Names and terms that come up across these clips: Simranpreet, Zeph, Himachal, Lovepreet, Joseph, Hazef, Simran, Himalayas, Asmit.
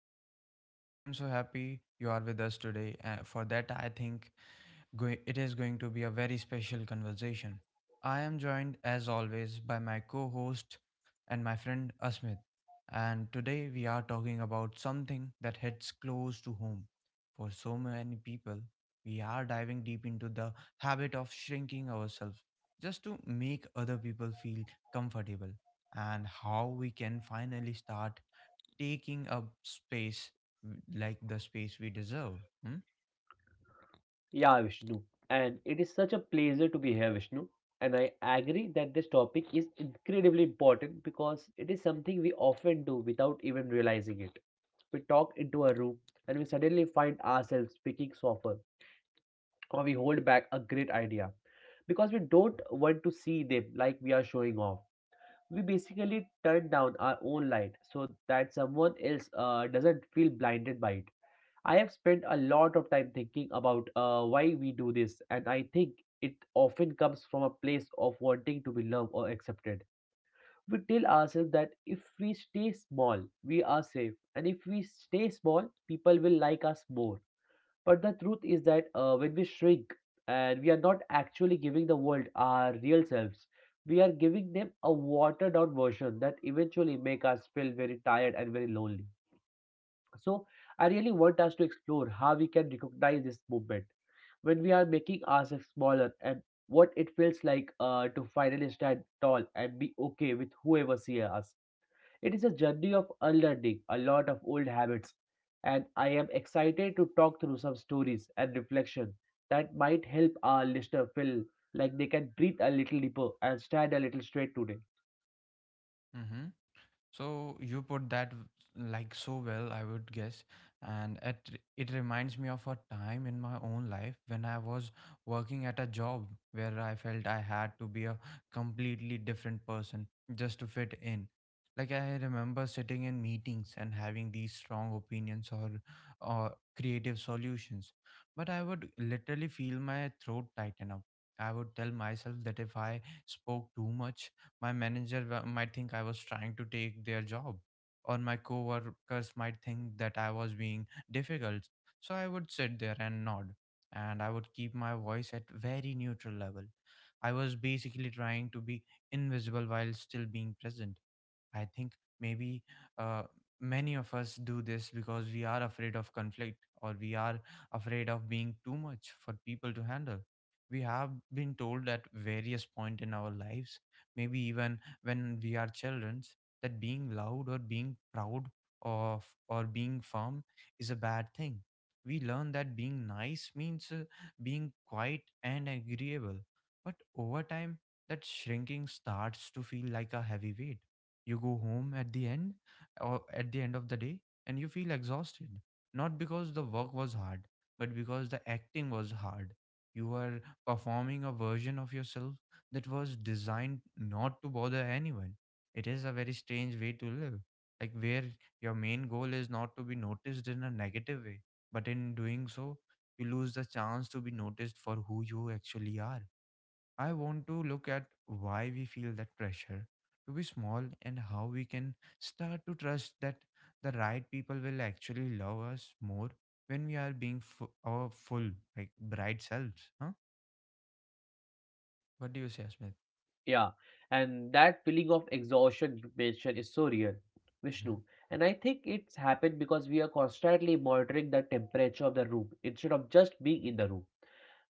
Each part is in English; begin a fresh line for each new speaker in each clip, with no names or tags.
show. I am so happy you are with us today. For that, I think it is going to be a very special conversation. I am joined, as always, by my co host and my friend Asmit. And today, we are talking about something that hits close to home. For so many people, we are diving deep into the habit of shrinking ourselves just to make other people feel comfortable, and how we can finally start taking up space, like the space we deserve. Hmm?
Yeah, Vishnu. And it is such a pleasure to be here, Vishnu. And I agree that this topic is incredibly important because it is something we often do without even realizing it. We talk into a room and we suddenly find ourselves speaking softer, or we hold back a great idea because we don't want to see them like we are showing off. We basically turn down our own light so that someone else doesn't feel blinded by it. I have spent a lot of time thinking about why we do this, and I think it often comes from a place of wanting to be loved or accepted. We tell ourselves that if we stay small, we are safe, and if we stay small, people will like us more. But the truth is that when we shrink, and we are not actually giving the world our real selves, we are giving them a watered down version that eventually make us feel very tired and very lonely. So I really want us to explore how we can recognize this movement when we are making ourselves smaller and what it feels like to finally stand tall and be okay with whoever sees us. It is a journey of unlearning a lot of old habits, and I am excited to talk through some stories and reflection that might help our listener feel like they can breathe a little deeper and stand a little straight today.
Mhm. So you put that like so well, I would guess, and it reminds me of a time in my own life when I was working at a job where I felt I had to be a completely different person just to fit in. Like I remember sitting in meetings and having these strong opinions or creative solutions, but I would literally feel my throat tighten up. I would tell myself that if I spoke too much my might think I was trying to take their job, or my coworkers might think that I was being difficult. So I would sit there and nod, and I would keep my voice at very neutral level. I was basically trying to be invisible while still being present. I think maybe uh, many of us do this because we are afraid of conflict or we are afraid of being too much for people to handle. We have been told at various point in our lives, maybe even when we are children, that being loud or being proud of or being firm is a bad thing. We learn that being nice means being quiet and agreeable. But over time, that shrinking starts to feel like a heavy weight. You go home at the end of the day, and you feel exhausted, not because the work was hard, but because the acting was hard. You are performing a version of yourself that was designed not to bother anyone. It is a very strange way to live, like, where your main goal is not to be noticed in a negative way, but in doing so you lose the chance to be noticed for who you actually are. I want to look at why we feel that pressure to be small, and how we can start to trust that the right people will actually love us more when we are our full, like, bright selves. Huh? What do you say, Smith?
Yeah, and that feeling of exhaustion you mentioned is so real,
Hmm.
Vishnu. And I think it's happened because we are constantly monitoring the temperature of the room instead of just being in the room.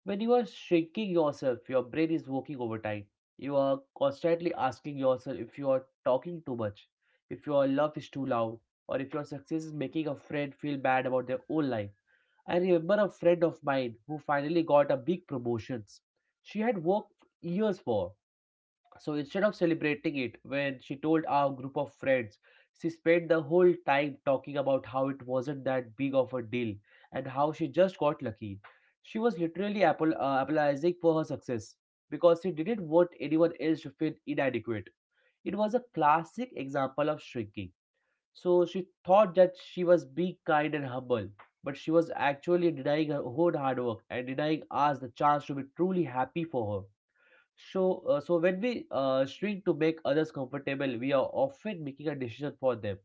When you are shrinking yourself, your brain is working overtime. You are constantly asking yourself if you are talking too much, if your love is too loud, or if your success is making a friend feel bad about their own life. I remember a friend of mine who finally got a big promotions. She had worked years for, so instead of celebrating it, when she told our group of friends, she spent the whole time talking about how it wasn't that big of a deal and how she just got lucky. She was literally apologizing for her success because she didn't want anyone else to feel inadequate. It was a classic example of shrinking. So she thought that she was being kind and humble, but she was actually denying her own hard work and denying us the chance to be truly happy for her. So when we shrink to make others comfortable, we are often making a decision for them.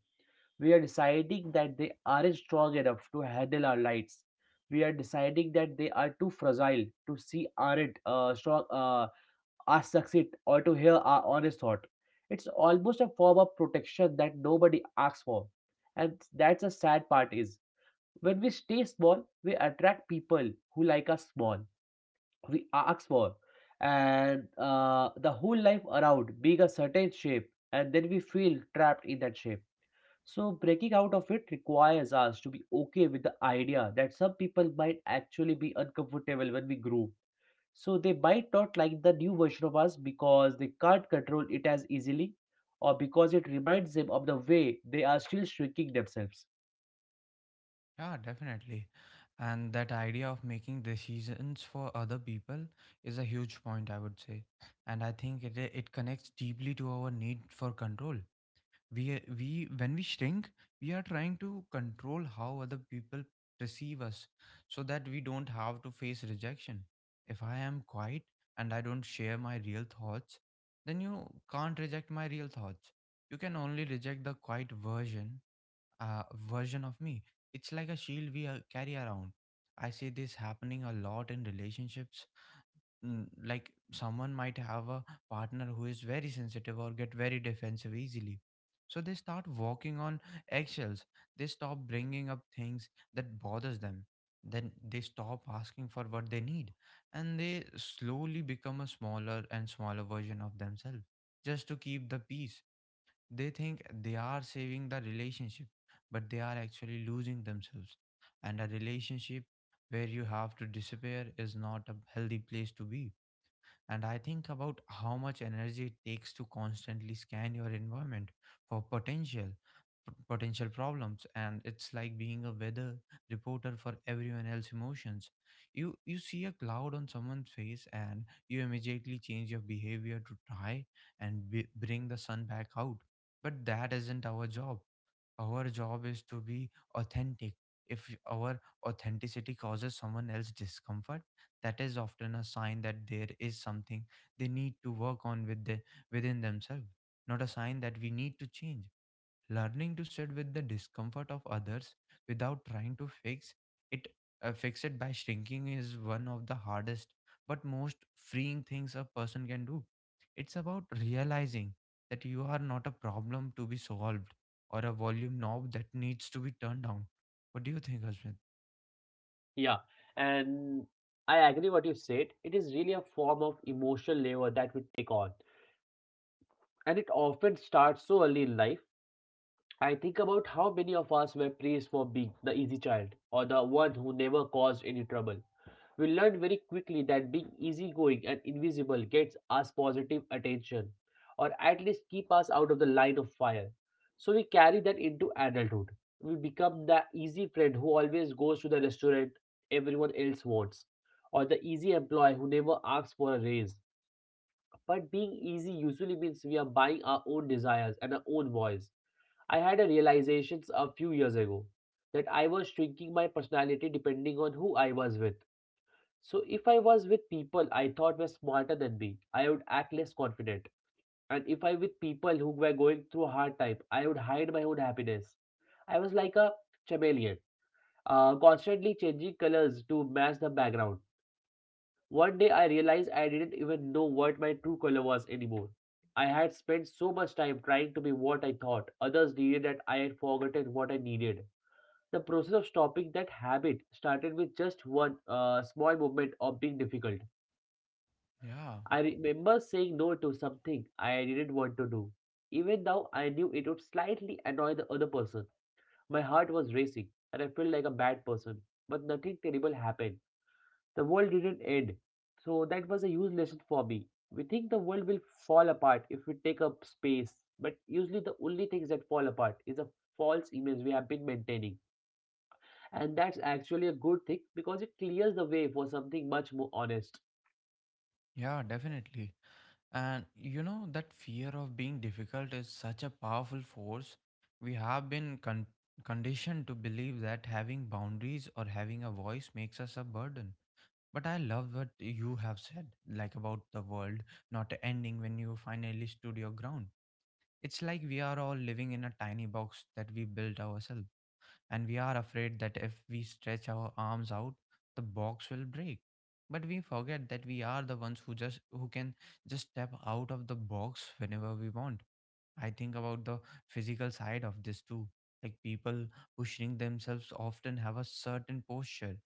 We are deciding that they aren't strong enough to handle our lights. We are deciding that they are too fragile to see aren't strong us succeed or to hear our honest thought. It's almost a form of protection that nobody asks for, and that's a sad part. Is when we stay small, we attract people who like us small, we ask for, and the whole life around being a certain shape, and then we feel trapped in that shape. So breaking out of it requires us to be okay with the idea that some people might actually be uncomfortable when we grow, so they might not like the new version of us because they can't control it as easily, or because it reminds them of the way they are still shrinking themselves.
Yeah, definitely. And that idea of making decisions for other people is a huge point, I would say. And I think it connects deeply to our need for control. We we when we shrink, we are trying to control how other people perceive us, so that we don't have to face rejection. If I am quiet and I don't share my real thoughts, then you can't reject my real thoughts. You can only reject the quiet uh, version of me. It's like a shield we carry around. I see this happening a lot in relationships. Mm, like someone might have a partner who is very sensitive or get very defensive easily, so they start walking on eggshells. They stop bringing up things that bothers them, then they stop asking for what they need, and they slowly become a smaller and smaller version of themselves just to keep the peace. They think they are saving the relationship, but they are actually losing themselves. And a relationship where you have to disappear is not a healthy place to be. And I think about how much energy it takes to constantly scan your environment for potential problems. And it's like being a weather reporter for everyone else's emotions. You see a cloud on someone's face and you immediately change your behavior to try and bring the sun back out. But that isn't our job. Our job is to be authentic. If our authenticity causes someone else discomfort, that is often a sign that there is something they need to work on within themselves, not a sign that we need to change. Learning to sit with the discomfort of others without trying to it, fix it by shrinking is one of the hardest but most freeing things a person can do. It's about realizing that you are not a problem to be solved, or a volume knob that needs to be turned down. What do you think, Ashmit?
Yeah, and I agree what you said. It is really a form of emotional labor that we take on, and it often starts so early in life. I think about how many of us were praised for being the easy child or the one who never caused any trouble. We learn very quickly that being easygoing and invisible gets us positive attention, or at least keep us out of the line of fire. So we carry that into adulthood. We become the easy friend who always goes to the restaurant everyone else wants, or the easy employee who never asks for a raise, but being easy usually means we are buying our own desires and our own voice. I had a realization a few years ago that I was shrinking my personality depending on who I was with. So if I was with people I thought were smarter than me, I would act less confident. And if I with people who were going through a hard time, I would hide my own happiness. I was like a chameleon, constantly changing colors to match the background. One day I realized I didn't even know what my true color was anymore. I had spent so much time trying to be what I thought others needed that I had forgotten what I needed. The process of stopping that habit started with just one small moment of being difficult.
Yeah,
I remember saying no to something I didn't want to do. Even though I knew it would slightly annoy the other person, my heart was racing and I felt like a bad person. But nothing terrible happened. The world didn't end. So that was a huge lesson for me. We think the world will fall apart if we take up space, but usually the only things that fall apart is a false image we have been maintaining. And that's actually a good thing because it clears the way for something much more honest.
yeah, definitely. And you know, that fear of being difficult is such a powerful force. We have conditioned to believe that having boundaries or having a voice makes us a burden. But I love what you have said, like, about the world not ending when you finally stood your ground. It's like we are all living in a tiny box that we built ourselves, and we are afraid that if we stretch our arms out, the box will break. But we forget that we are the ones who can just step out of the box whenever we want. I think about the physical side of this too. Like people who shrink themselves often have a certain posture.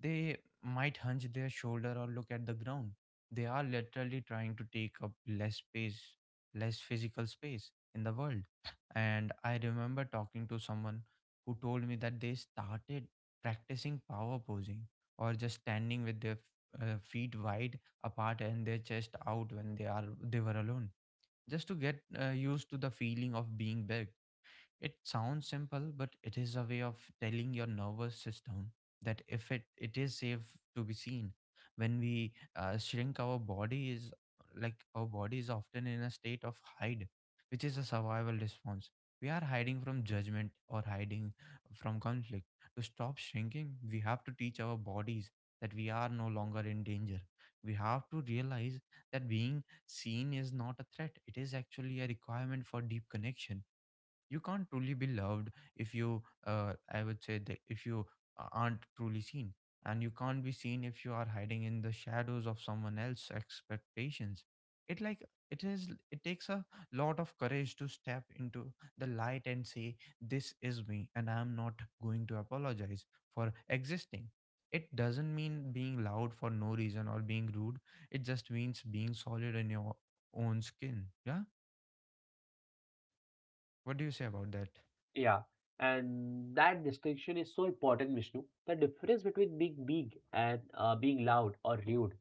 They might hunch their shoulder or look at the ground. They are literally trying to take up less space, less physical space in the world. And I remember talking to someone who told me that they started practicing power posing, or just standing with their feet wide apart and their chest out when they were alone, just to get used to the feeling of being big. It sounds simple, but it is a way of telling your nervous system that if it, it is safe to be seen. When we shrink, our body is like our body is often in a state of hide, which is a survival response. We are hiding from judgment or hiding from conflict. To stop shrinking, we have to teach our bodies that we are no longer in danger. We have to realize that being seen is not a threat. It is actually a requirement for deep connection. You can't truly be loved if you I would say that if you aren't truly seen, and you can't be seen if you are hiding in the shadows of someone else's expectations. It like it is It takes a lot of courage to step into the light and say, this is me, and I am not going to apologize for existing. It doesn't mean being loud for no reason or being rude. It just means being solid in your own skin. Yeah, what do you say about that?
Yeah. And that distinction is so important, Vishnu. The difference between being big and being loud or rude.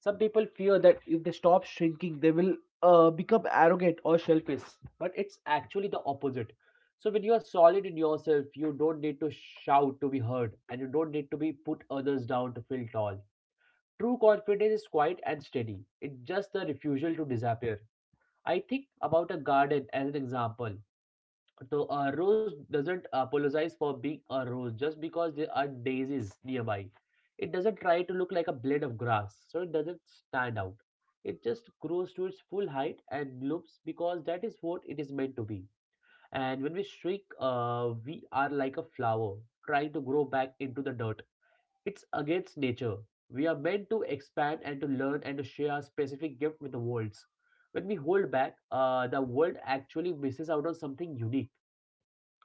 Some people fear that if they stop shrinking, they will become arrogant or selfish, but it's actually the opposite. So, when you are solid in yourself, you don't need to shout to be heard, and you don't need to be put others down to feel tall. True confidence is quiet and steady, it's just the refusal to disappear. I think about a garden as an example. So a rose doesn't apologize for being a rose just because there are daisies nearby. It doesn't try to look like a blade of grass, so it doesn't stand out. It just grows to its full height and blooms because that is what it is meant to be. And when we shrink, we are like a flower trying to grow back into the dirt. It's against nature. We are meant to expand and to learn and to share our specific gift with the world. When we hold back, the world actually misses out on something unique.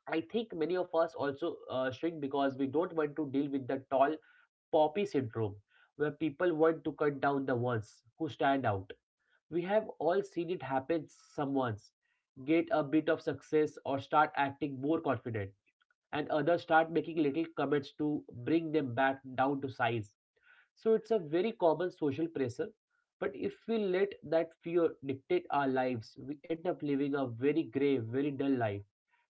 I think many of us also shrink because we don't want to deal with the tall poppy syndrome, where people want to cut down the ones who stand out. We have all seen it happen, someone's get a bit of success or start acting more confident, and others start making little comments to bring them back down to size. So it's a very common social pressure. But if we let that fear dictate our lives, we end up living a very grey, very dull life.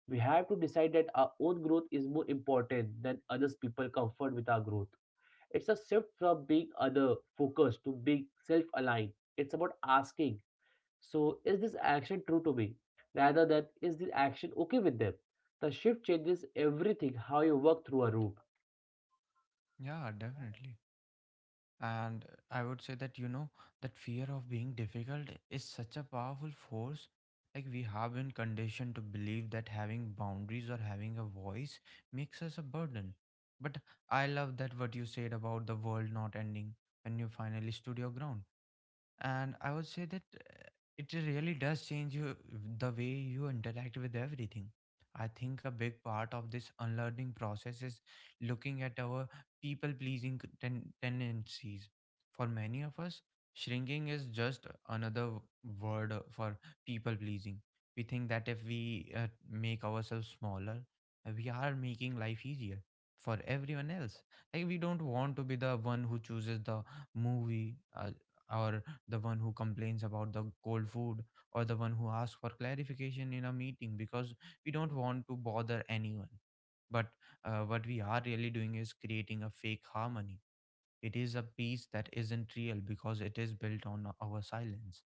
We have to decide that our own growth is more important than others people comfort with our growth. It's a shift from being other focused to being self aligned. It's about asking, so is this action true to me? Rather than, is this action okay with them? The shift changes everything, how you work through a route.
Yeah, definitely. And I would say that, you know, that fear of being difficult is such a powerful force. Like, we have been conditioned to believe that having boundaries or having a voice makes us a burden. But I love that what you said about the world not ending when you finally stood your ground. And I would say that it really does change you, the way you interact with everything. I think a big part of this unlearning process is looking at our tendencies. For many of us, shrinking is just another w- word for people pleasing. We think that if we make ourselves smaller, we are making life easier for everyone else. Like, we don't want to be the one who chooses the movie or the one who complains about the cold food, or the one who asks for clarification in a meeting because we don't want to bother anyone. But what we are really doing is creating a fake harmony. It is a peace that isn't real because it is built on our silence.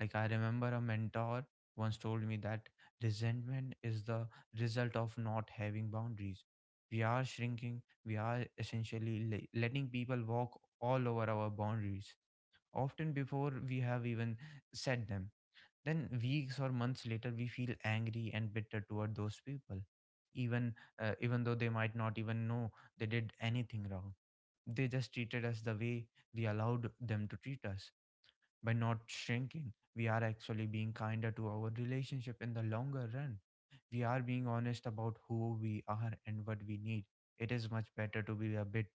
Like, I remember a mentor once told me that resentment is the result of not having boundaries. We are shrinking, we are essentially letting people walk all over our boundaries, often before we have even said them. Then, weeks or months later, we feel angry and bitter toward those people, even even though they might not even know they did anything wrong. They just treated us the way we allowed them to treat us. By not shrinking, we are actually being kinder to our relationship in the longer run. We are being honest about who we are and what we need. It is much better to be a bit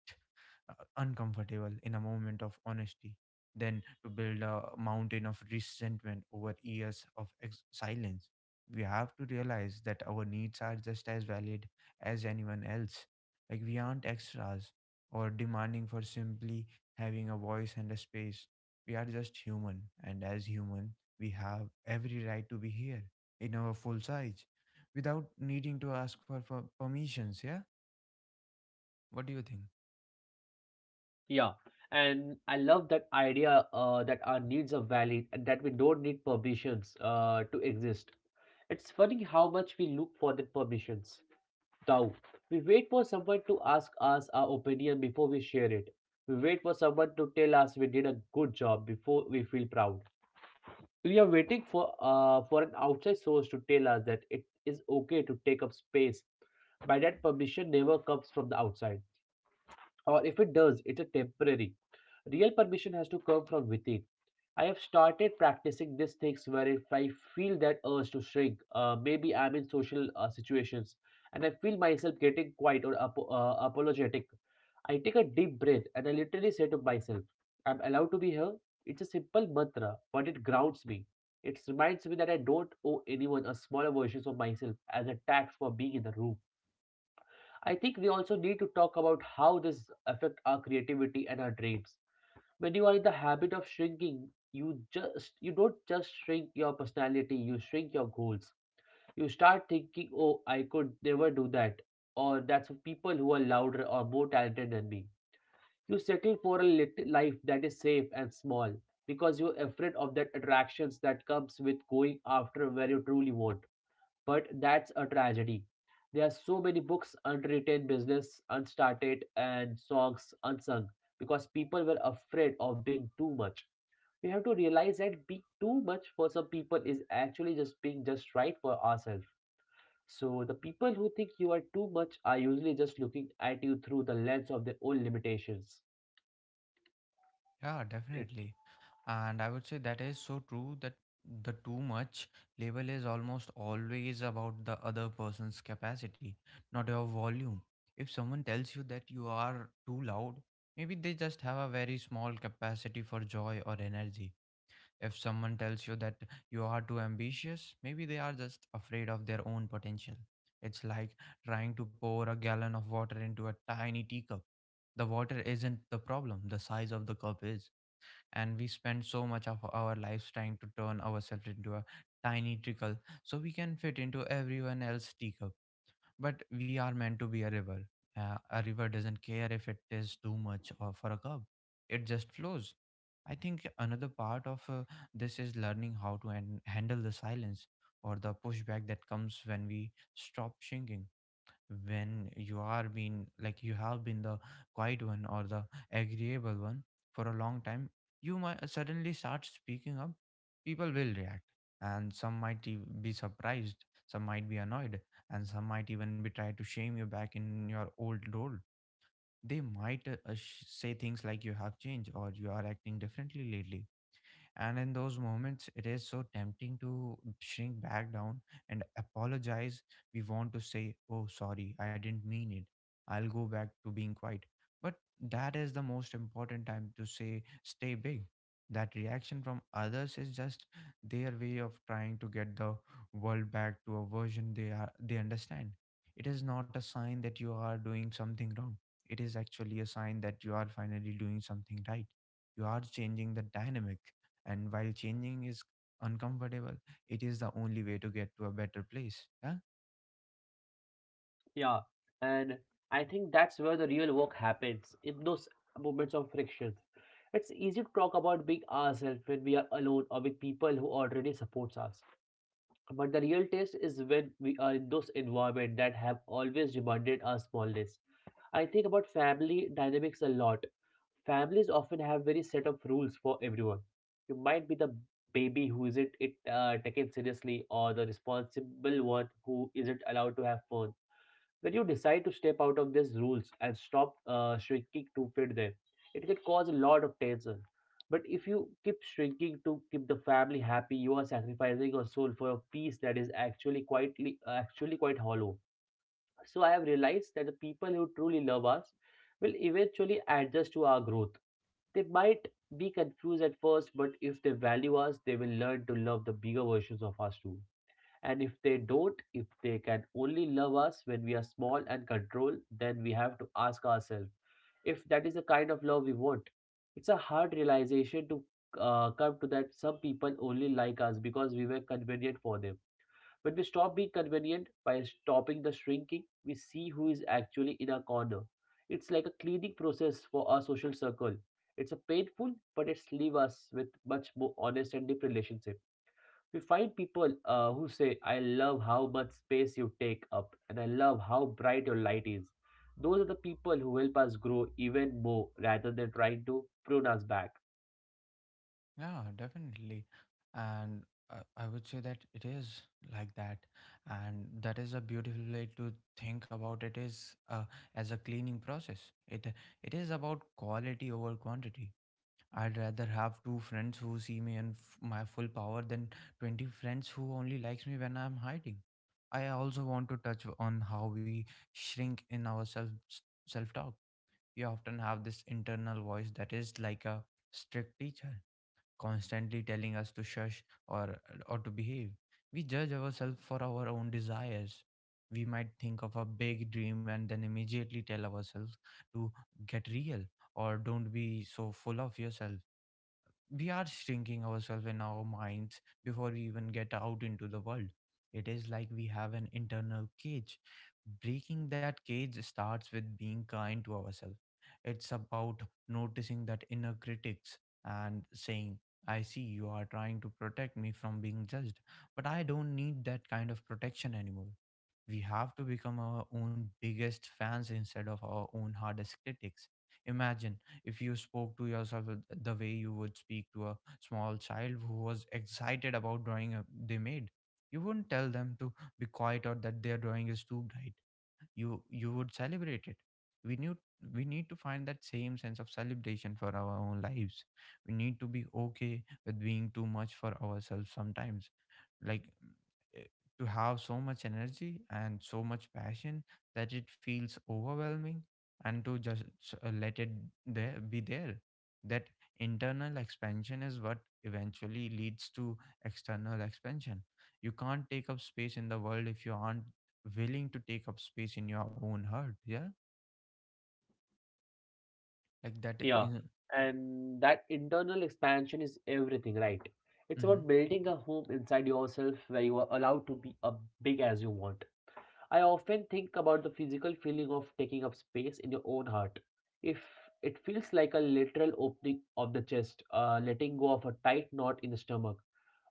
uncomfortable in a moment of honesty than to build a mountain of resentment over years of silence. We have to realize that our needs are just as valid as anyone else. Like, we aren't extras or demanding for simply having a voice and a space. We are just human, and as human, we have every right to be here in our full size without needing to ask for permissions. Yeah, what do you think?
Yeah, and I love that idea that our needs are valid and that we don't need permissions to exist. It's funny how much we look for the permissions. Doubt. We wait for someone to ask us our opinion before we share it. We wait for someone to tell us we did a good job before we feel proud. We are waiting for an outside source to tell us that it is okay to take up space. By that permission never comes from the outside. Or if it does, it's a temporary. Real permission has to come from within. I have started practicing these things where if I feel that urge to shrink, maybe I'm in social situations and I feel myself getting quiet or apologetic. I take a deep breath and I literally say to myself, I'm allowed to be here. It's a simple mantra, but it grounds me. It reminds me that I don't owe anyone a smaller version of myself as a tax for being in the room. I think we also need to talk about how this affect our creativity and our dreams. When you are in the habit of shrinking, you don't just shrink your personality, you shrink your goals. You start thinking, oh, I could never do that, or that's for people who are louder or more talented than me. You settle for a life that is safe and small because you're afraid of that attractions that comes with going after where you truly want. But that's a tragedy. There are so many books unwritten, business unstarted, and songs unsung because people were afraid of being too much. We have to realize that being too much for some people is actually just being just right for ourselves. So the people who think you are too much are usually just looking at you through the lens of their own limitations.
Yeah, definitely. And I would say that is so true that the too much label is almost always about the other person's capacity, not your volume. If someone tells you that you are too loud, maybe they just have a very small capacity for joy or energy. If someone tells you that you are too ambitious, maybe they are just afraid of their own potential. It's like trying to pour a gallon of water into a tiny teacup. The water isn't the problem, the size of the cup is. And we spend so much of our lives trying to turn ourselves into a tiny trickle so we can fit into everyone else's teacup. But we are meant to be a river. A river doesn't care if it is too much or for a cup, it just flows. I think another part of this is learning how to handle the silence or the pushback that comes when we stop shrinking. When you have been the quiet one or the agreeable one for a long time, you might suddenly start speaking up. People will react, and be surprised, some might be annoyed, and some might even be try to shame you back in your old role. They might say things like you have changed or you are acting differently lately. And in those moments, it is so tempting to shrink back down and apologize. We want to say, "Oh, sorry, I didn't mean it. I'll go back to being quiet." But that is the most important time to say, "Stay big." That reaction from others is just their way of trying to get the world back to a version they understand. It is not a sign that you are doing something wrong. It is actually a sign that you are finally doing something right. You are changing the dynamic, and while changing is uncomfortable, it is the only way to get to a better place. Yeah.
Yeah, and I think that's where the real work happens, in those moments of friction. It's easy to talk about being ourselves when we are alone or with people who already supports us. But the real test is when we are in those environments that have always demanded our smallness. I think about family dynamics a lot. Families often have very set of rules for everyone. You might be the baby who isn't it taken seriously, or the responsible one who isn't allowed to have fun. When you decide to step out of these rules and stop shrinking to fit them, it can cause a lot of tension. But if you keep shrinking to keep the family happy, you are sacrificing your soul for a peace that is actually actually quite hollow. So I have realized that the people who truly love us will eventually adjust to our growth. They might be confused at first, but if they value us, they will learn to love the bigger versions of us too. And if they don't, if they can only love us when we are small and controlled, then we have to ask ourselves if that is the kind of love we want. It's a hard realization to come to, that some people only like us because we were convenient for them. When we stop being convenient by stopping the shrinking, we see who is actually in our corner. It's like a cleaning process for our social circle. It's a painful, but it's leave us with much more honest and deep relationship. We find people who say, "I love how much space you take up, and I love how bright your light is." Those are the people who help us grow even more rather than trying to prune us back.
Yeah, definitely. And I would say that it is like that. And that is a beautiful way to think about it, is uh, as a cleaning process. It it is about quality over quantity. I'd rather have two friends who see me in my full power than 20 friends who only likes me when I'm hiding. I also want to touch on how we shrink in our self talk. We often have this internal voice that is like a strict teacher, constantly telling us to shush or to behave. We judge ourselves for our own desires. We might think of a big dream and then immediately tell ourselves to get real or don't be so full of yourself. We are shrinking ourselves in our minds before we even get out into the world. It is like we have an internal cage. Breaking that cage starts with being kind to ourselves. It's about noticing that inner critics and saying, "I see you are trying to protect me from being judged, but I don't need that kind of protection anymore." We have to become our own biggest fans instead of our own hardest critics. Imagine if you spoke to yourself the way you would speak to a small child who was excited about drawing they made. You wouldn't tell them to be quiet or that their drawing is too bright. You would celebrate it. We knew we need to find that same sense of celebration for our own lives. We need to be okay with being too much for ourselves sometimes, like, eh, to have so much energy and so much passion that it feels overwhelming, and to just let it there be there. That internal expansion is what eventually leads to external expansion. You can't take up space in the world if you aren't willing to take up space in your own heart. Yeah, like that
Yeah,
in.
and that internal expansion is everything, right? It's
Mm-hmm.
about building a home inside yourself where you are allowed to be as big as you want. I often think about the physical feeling of taking up space in your own heart. If it feels like a literal opening of the chest, letting go of a tight knot in the stomach,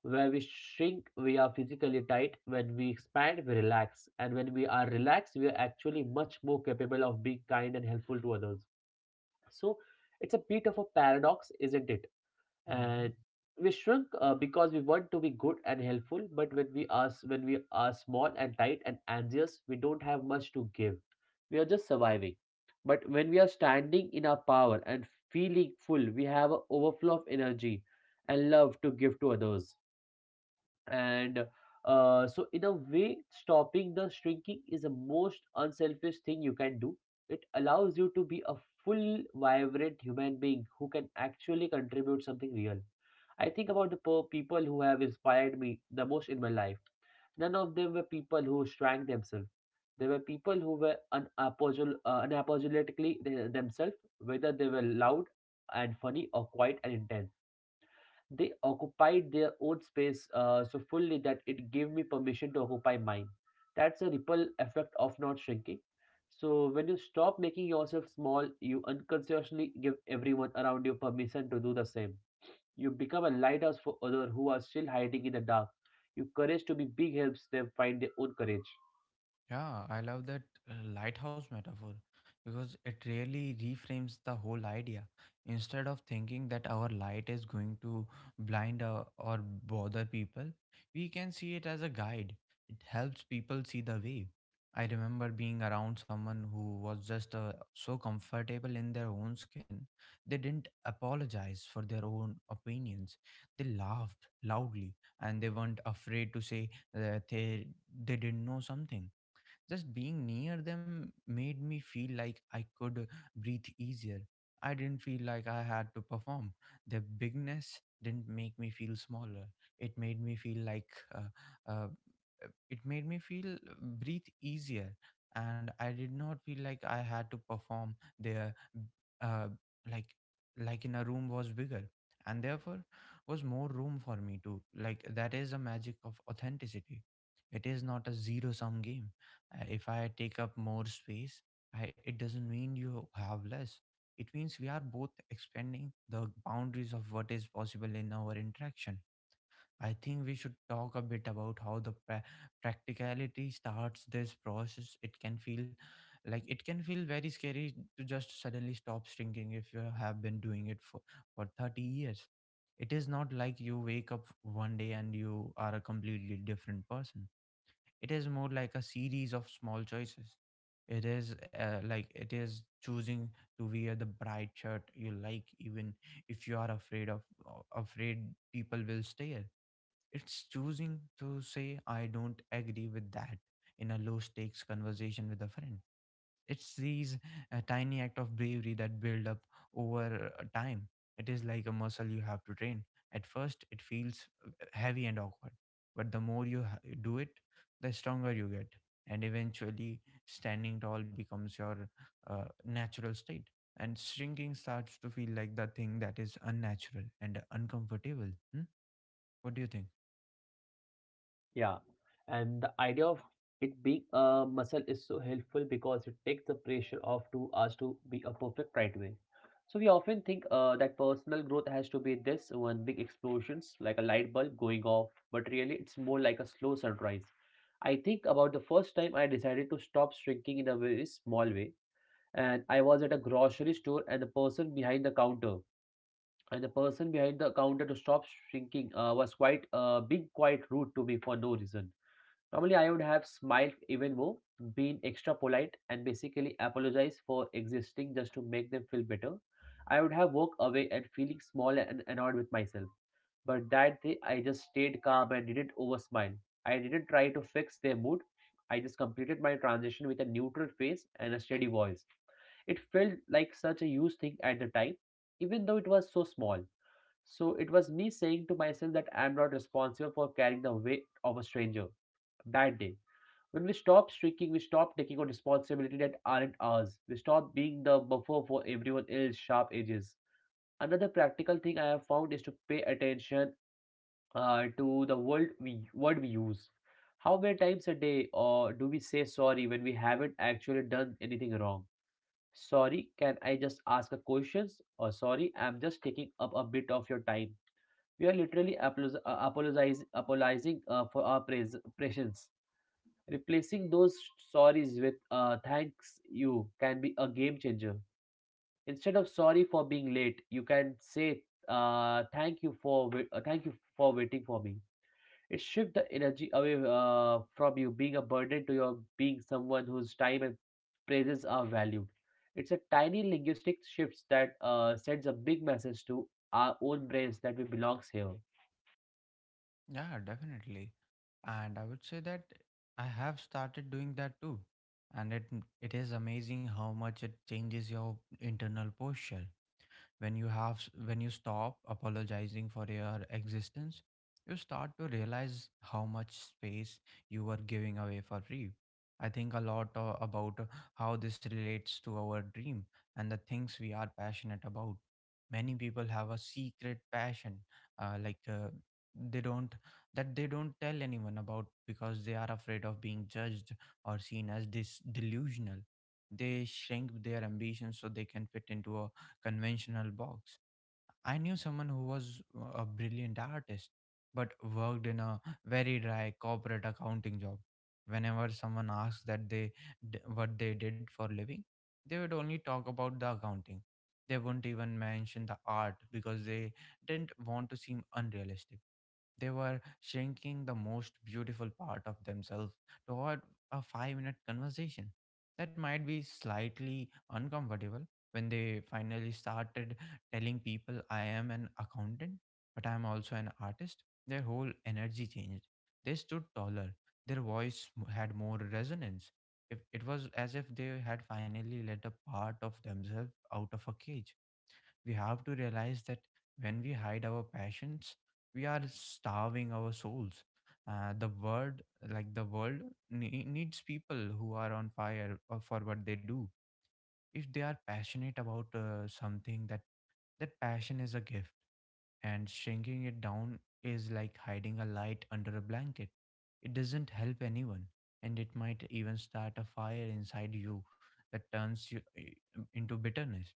where we shrink, we are physically tight. When we expand, we relax, and when we are relaxed, we are actually much more capable of being kind and helpful to others. So it's a bit of a paradox, isn't it?
Mm-hmm.
And we shrink because we want to be good and helpful, but when we are small and tight and anxious, we don't have much to give. We are just surviving. But when we are standing in our power and feeling full, we have an overflow of energy and love to give to others. And so in a way, stopping the shrinking is the most unselfish thing you can do. It allows you to be a full, vibrant human being who can actually contribute something real. I think about the people who have inspired me the most in my life. None of them were people who shrank themselves. They were people who were unapologetically themselves, whether they were loud and funny or quiet and intense. They occupied their own space so fully that it gave me permission to occupy mine. That's a ripple effect of not shrinking. So when you stop making yourself small, you unconsciously give everyone around you permission to do the same. You become a lighthouse for others who are still hiding in the dark. Your courage to be big helps them find their own courage.
Yeah, I love that lighthouse metaphor because it really reframes the whole idea. Instead of thinking that our light is going to blind or bother people, we can see it as a guide. It helps people see the way. I remember being around someone who was just so comfortable in their own skin. They didn't apologize for their own opinions. They laughed loudly, and they weren't afraid to say that they didn't know something. Just being near them made me feel like I could breathe easier. I didn't feel like I had to perform. Their bigness didn't make me feel smaller. It made me feel like uh, uh, it made me feel, breathe easier, and I did not feel like I had to perform. There, uh, like, in a room was bigger and therefore was more room for me. To, like, that is the magic of authenticity. It is not a zero sum game. Uh, if I take up more space, it doesn't mean you have less. It means we are both expanding the boundaries of what is possible in our interaction. I think we should talk a bit about how the practicality starts this process. It can feel very scary to just suddenly stop shrinking if you have been doing it for 30 years. It is not like you wake up one day and you are a completely different person. It is more like a series of small choices. It is it is choosing to wear the bright shirt you like, even if you are afraid of afraid people will stare. It's choosing to say, "I don't agree with that," in a low stakes conversation with a friend. It's these tiny act of bravery that build up over time. It is like a muscle you have to train. At first, it feels heavy and awkward, but the more you do it, the stronger you get. And eventually, standing tall becomes your natural state. And shrinking starts to feel like the thing that is unnatural and uncomfortable. Hmm? What do you think?
Yeah, and the idea of it being a muscle is so helpful because it takes the pressure off to us to be a perfect right away. So we often think that personal growth has to be this one big explosions, like a light bulb going off, but really it's more like a slow sunrise. I think about the first time I decided to stop shrinking in a very small way, and I was at a grocery store, and the person behind the counter to stop shrinking was quite being quite rude to me for no reason. Normally, I would have smiled even more, been extra polite, and basically apologized for existing just to make them feel better. I would have walked away and feeling small and annoyed with myself. But that day, I just stayed calm and didn't over smile. I didn't try to fix their mood. I just completed my transition with a neutral face and a steady voice. It felt like such a huge thing at the time, even though it was so small. So it was me saying to myself that I am not responsible for carrying the weight of a stranger that day. When we stop shrinking, we stop taking on responsibility that aren't ours. We stop being the buffer for everyone else's sharp edges. Another practical thing I have found is to pay attention to the word we use. How many times a day or do we say sorry when we haven't actually done anything wrong? Sorry, can I just ask a question? Or sorry, I'm just taking up a bit of your time. We are literally apologizing for our presence. Replacing those sorries with thanks you can be a game changer. Instead of sorry for being late, you can say thank you for waiting for me. It shifts the energy away from you being a burden to your being someone whose time and presence are valued. It's a tiny linguistic shift that sends a big message to our own brains that we belongs here.
Yeah, definitely. And I would say that I have started doing that too. And it is amazing how much it changes your internal posture when you have when you stop apologizing for your existence. You start to realize how much space you were giving away for free. I think a lot about how this relates to our dream and the things we are passionate about. Many people have a secret passion, like they don't that they don't tell anyone about because they are afraid of being judged or seen as this delusional. They shrink their ambitions so they can fit into a conventional box. I knew someone who was a brilliant artist but worked in a very dry corporate accounting job. Whenever someone asked what they did for living, they would only talk about the accounting. They wouldn't even mention the art because they didn't want to seem unrealistic. They were shrinking the most beautiful part of themselves toward a five-minute conversation that might be slightly uncomfortable. When they finally started telling people, "I am an accountant, but I am also an artist," their whole energy changed. They stood taller, their voice had more resonance. If it was as if they had finally let a part of themselves out of a cage. We have to realize that when we hide our passions, we are starving our souls. uh, the world the world needs people who are on fire for what they do. If they are passionate about something that that passion is a gift, and shrinking it down is like hiding a light under a blanket. It doesn't help anyone, and it might even start a fire inside you that turns you into bitterness.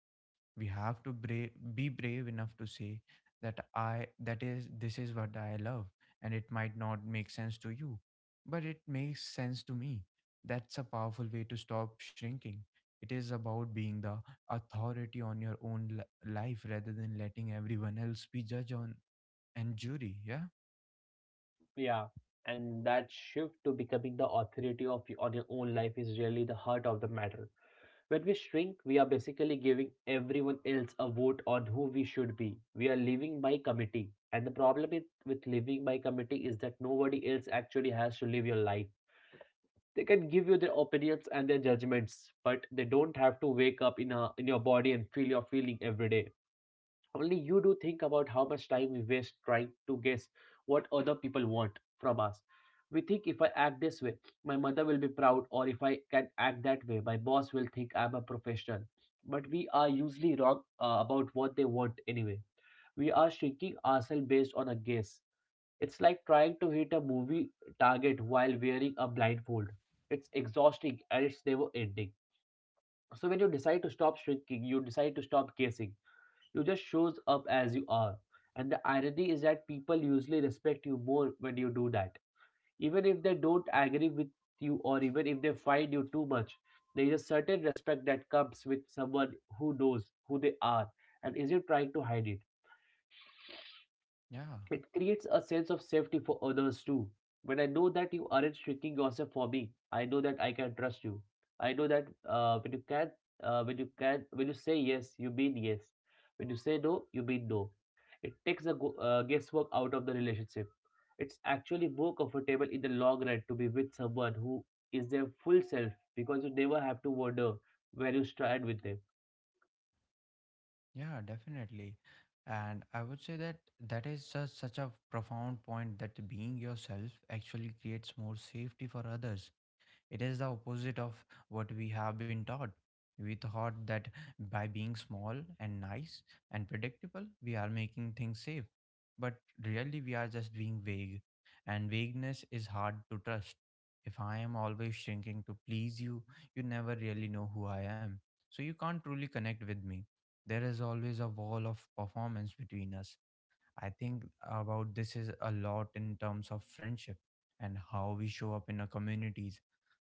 We have to be brave enough to say that I that is this is what I love, and it might not make sense to you, but it makes sense to me. That's a powerful way to stop shrinking. It is about being the authority on your own life rather than letting everyone else be judge on and jury. Yeah
Yeah, and that shift to becoming the authority of on your own life is really the heart of the matter. When we shrink, we are basically giving everyone else a vote on who we should be. We are living by committee. And the problem is, with living by committee is that nobody else actually has to live your life. They can give you their opinions and their judgments, but they don't have to wake up in your body and feel your feeling every day. Only you do think about how much time we waste trying to guess what other people want from us. We think if I act this way, my mother will be proud, or if I can act that way, my boss will think I'm a professional. But we are usually wrong about what they want anyway. We are shrinking ourselves based on a guess. It's like trying to hit a movie target while wearing a blindfold. It's exhausting and it's never ending. So when you decide to stop shrinking, you decide to stop guessing. You just shows up as you are. And the irony is that people usually respect you more when you do that. Even if they don't agree with you, or even if they find you too much, there is a certain respect that comes with someone who knows who they are and isn't trying to hide it.
yeah
It creates a sense of safety for others too. When I know that you aren't shrinking yourself for me, I know that I can trust you. I know that when you can, when you say yes, you mean yes. When you say no, you mean no. It takes the guesswork out of the relationship. It's actually more comfortable in the long run to be with someone who is their full self because you never have to wonder where you stand with them.
Yeah, definitely. And I would say that that is such a profound point, that being yourself actually creates more safety for others. It is the opposite of what we have been taught. We thought that by being small and nice and predictable, we are making things safe. But really, we are just being vague, and vagueness is hard to trust. If I am always shrinking to please you, you never really know who I am. So you can't truly connect with me. There is always a wall of performance between us. I think about this is a lot in terms of friendship, and how we show up in our communities.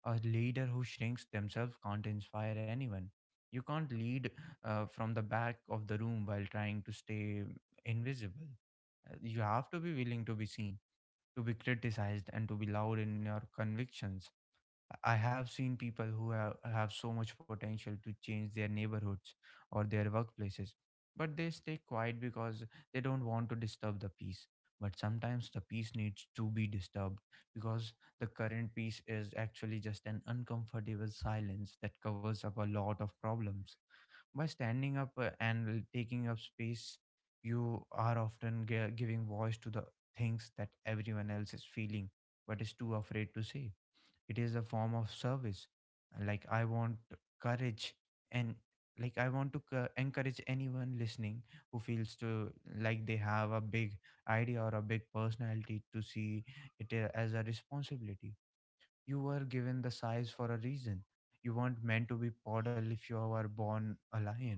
A leader who shrinks themselves can't inspire anyone. You can't lead from the back of the room while trying to stay invisible. You have to be willing to be seen, to be criticized, and to be loud in your convictions. I have seen people who have so much potential to change their neighborhoods or their workplaces, but they stay quiet because they don't want to disturb the peace. But sometimes the peace needs to be disturbed because the current peace is actually just an uncomfortable silence that covers up a lot of problems. By standing up, and taking up space, you are often giving voice to the things that everyone else is feeling but is too afraid to say. It is a form of service. Like, I want courage. And like, I want to encourage anyone listening who feels to, like, they have a big idea or a big personality to see it as a responsibility. You were given the size for a reason. You weren't meant to be paddle if you were born a lion.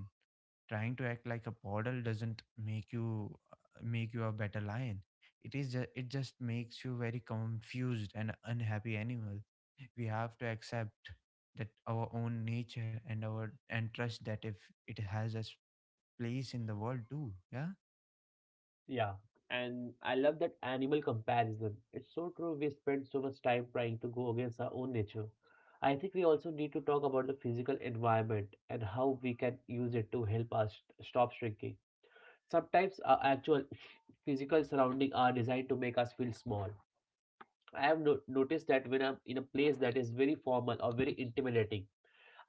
Trying to act like a poodle doesn't make you make you a better lion. It just makes you very confused and unhappy animal. We have to accept that our own nature, and our and trust that if it has a place in the world too. Yeah.
Yeah, and I love that animal comparison. It's so true. We spend so much time trying to go against our own nature. I think we also need to talk about the physical environment and how we can use it to help us stop shrinking. Sometimes our actual physical surroundings are designed to make us feel small. I have noticed that when I'm in a place that is very formal or very intimidating,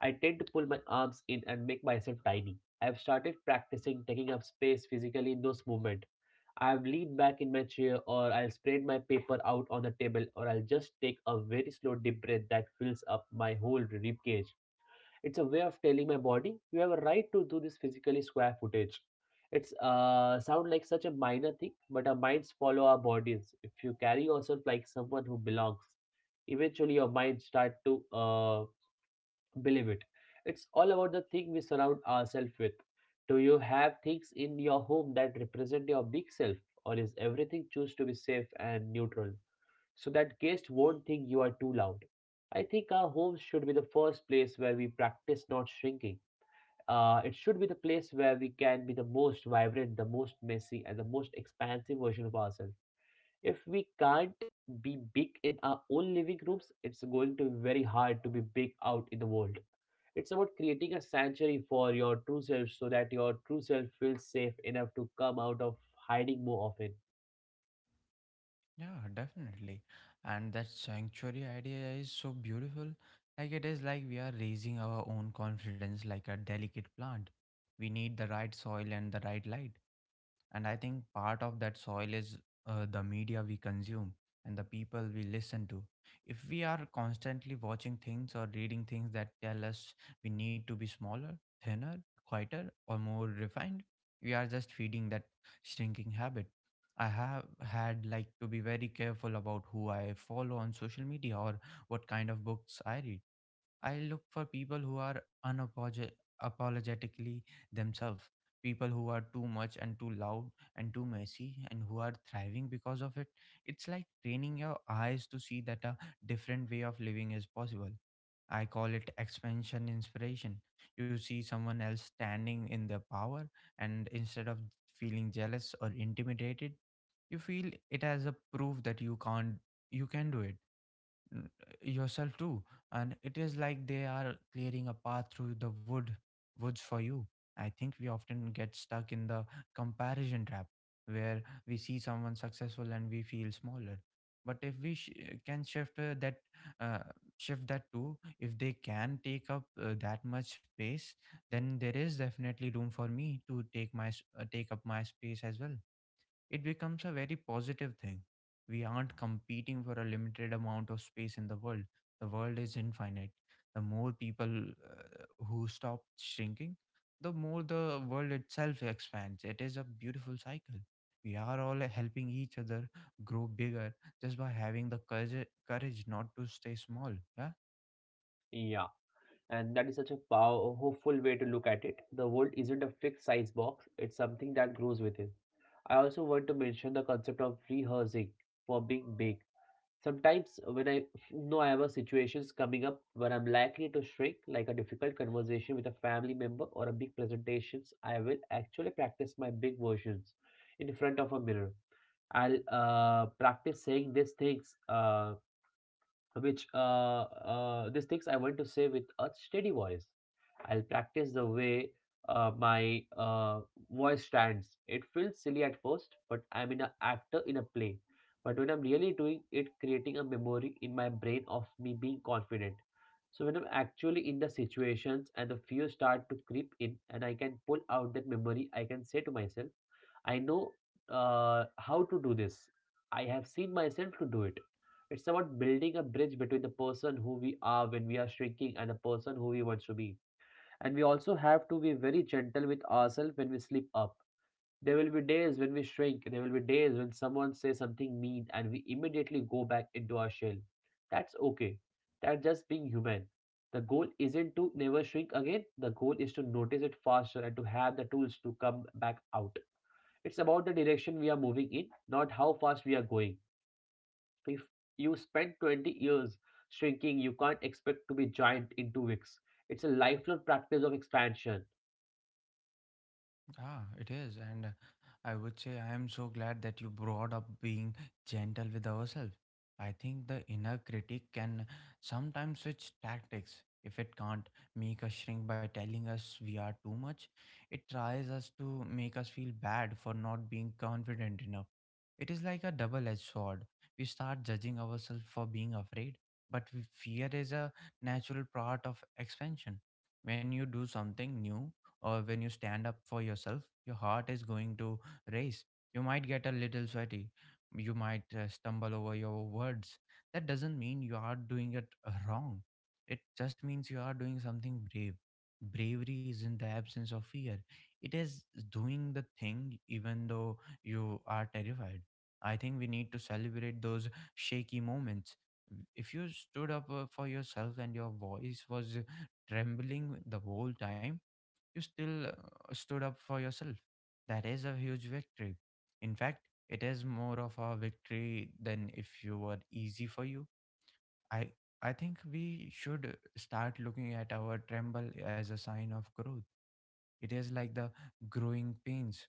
I tend to pull my arms in and make myself tiny. I've started practicing taking up space physically in those moments. I've leaned back in my chair, or I'll spread my paper out on the table, or I'll just take a very slow deep breath that fills up my whole rib cage. It's a way of telling my body, you have a right to do this physically square footage. It's sound like such a minor thing, but our minds follow our bodies. If you carry yourself like someone who belongs, eventually your mind start to believe it. It's all about the thing we surround ourselves with. Do you have things in your home that represent your big self, or is everything choose to be safe and neutral so that guests won't think you are too loud? I think our homes should be the first place where we practice not shrinking. It should be the place where we can be the most vibrant, the most messy, and the most expansive version of ourselves. If we can't be big in our own living rooms, it's going to be very hard to be big out in the world. It's about creating a sanctuary for your true self so that your true self feels safe enough to come out of hiding more often.
Yeah, definitely. And that sanctuary idea is so beautiful. Like, it is like we are raising our own confidence like a delicate plant. We need the right soil and the right light. And I think part of that soil is the media we consume and the people we listen to. If we are constantly watching things or reading things that tell us we need to be smaller, thinner, quieter, or more refined, we are just feeding that shrinking habit. I have had like to be very careful about who I follow on social media or what kind of books I read. I look for people who are unapologetically themselves, people who are too much and too loud and too messy, and who are thriving because of it. It's like training your eyes to see that a different way of living is possible. I call it expansion inspiration. You see someone else standing in their power, and instead of feeling jealous or intimidated, you feel it as a proof that you can't you can do it n- yourself too. And it is like they are clearing a path through the woods for you. I think we often get stuck in the comparison trap, where we see someone successful and we feel smaller. But if we sh- can shift that uh, shift that too. If they can take up that much space, then there is definitely room for me to take up my space as well. It becomes a very positive thing. We aren't competing for a limited amount of space in the world. The world is infinite. The more people who stop shrinking, the more the world itself expands. It is a beautiful cycle. We are all helping each other grow bigger just by having the courage not to stay small. Yeah.
Yeah. And that is such a hopeful way to look at it. The world isn't a fixed size box, it's something that grows within. I also want to mention the concept of rehearsing for being big. Sometimes, when I know I have a situations coming up where I'm likely to shrink, like a difficult conversation with a family member or a big presentations, I will actually practice my big versions in front of a mirror. I'll practice saying these things, which these things I want to say with a steady voice. I'll practice the way my voice stands. It feels silly at first, but I'm in an actor in a play. But when I'm really doing it, creating a memory in my brain of me being confident. So when I'm actually in the situations and the fear start to creep in, and I can pull out that memory, I can say to myself I know how to do this. I have seen myself to do it. It's about building a bridge between the person who we are when we are shrinking and the person who we want to be. And we also have to be very gentle with ourselves when we slip up. There will be days when we shrink, there will be days when someone says something mean and we immediately go back into our shell. That's okay. That's just being human. The goal isn't to never shrink again, the goal is to notice it faster and to have the tools to come back out. It's about the direction we are moving in, not how fast we are going. If you spend 20 years shrinking, you can't expect to be giant in 2 weeks. It's a lifelong practice of expansion.
Ah, it is. And I would say I am so glad that you brought up being gentle with ourselves. I think the inner critic can sometimes switch tactics. If it can't make us shrink by telling us we are too much, it tries us to make us feel bad for not being confident enough. It is like a double edged sword. We start judging ourselves for being afraid, but fear is a natural part of expansion. When you do something new or when you stand up for yourself, your heart is going to race. You might get a little sweaty. You might stumble over your words. That doesn't mean you are doing it wrong. It just means you are doing something brave. Bravery isn't the absence of fear, it is doing the thing even though you are terrified. I think we need to celebrate those shaky moments. If you stood up for yourself and your voice was trembling the whole time, you still stood up for yourself. That is a huge victory. In fact, it is more of a victory than if you were easy for you. I I think we should start looking at our tremble as a sign of growth. It is like the growing pains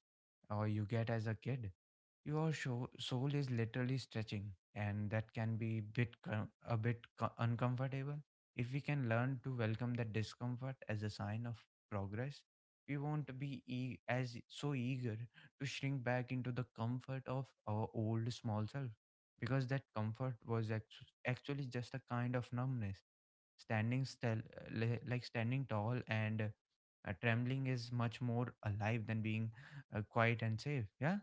or you get as a kid. Your soul is literally stretching, and that can be a bit uncomfortable. If we can learn to welcome that discomfort as a sign of progress, we won't be as so eager to shrink back into the comfort of our old small self, because that comfort was actually just a kind of numbness. Standing still, like standing tall and trembling is much more alive than being quiet and safe. Yeah.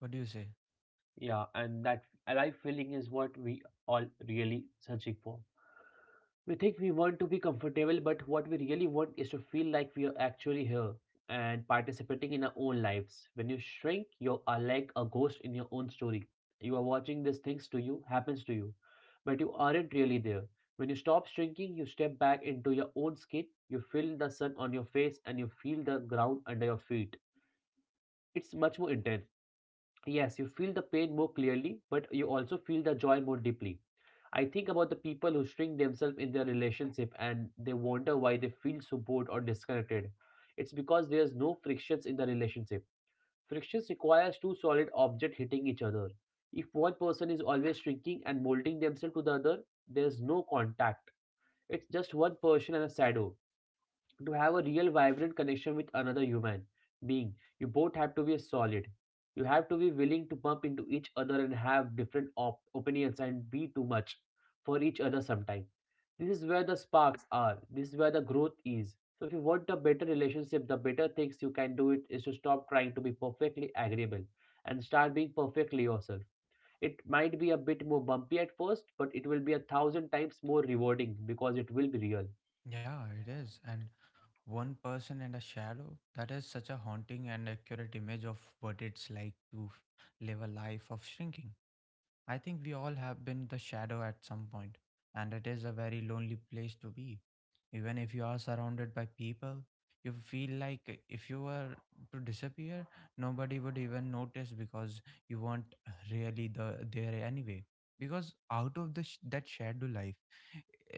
What do you say?
Yeah, and that alive feeling is what we all really searching for. We think we want to be comfortable, but what we really want is to feel like we are actually here and participating in our own lives. When you shrink, you are like a ghost in your own story. You are watching these things to you, happens to you, but you aren't really there. When you stop shrinking, you step back into your own skin, you feel the sun on your face, and you feel the ground under your feet. It's much more intense. Yes, you feel the pain more clearly, but you also feel the joy more deeply. I think about the people who shrink themselves in their relationship and they wonder why they feel so bored or disconnected. It's because there's no frictions in the relationship. Frictions requires two solid objects hitting each other. If one person is always shrinking and molding themselves to the other, there's no contact. It's just one person and a shadow to have a real vibrant connection with another human being. You both have to be solid. You have to be willing to bump into each other and have different opinions and be too much for each other sometime. This is where the sparks are. This is where the growth is, so if you want a better relationship, the better things you can do it is to stop trying to be perfectly agreeable and start being perfectly yourself. It might be a bit more bumpy at first, but it will be a thousand times more rewarding because it will be real.
Yeah, it is. And one person and a shadow, that is such a haunting and accurate image of what it's like to live a life of shrinking. I think we all have been the shadow at some point, and it is a very lonely place to be. Even if you are surrounded by people, you feel like if you were to disappear, nobody would even notice because you weren't really there anyway. Because out of the that shadow life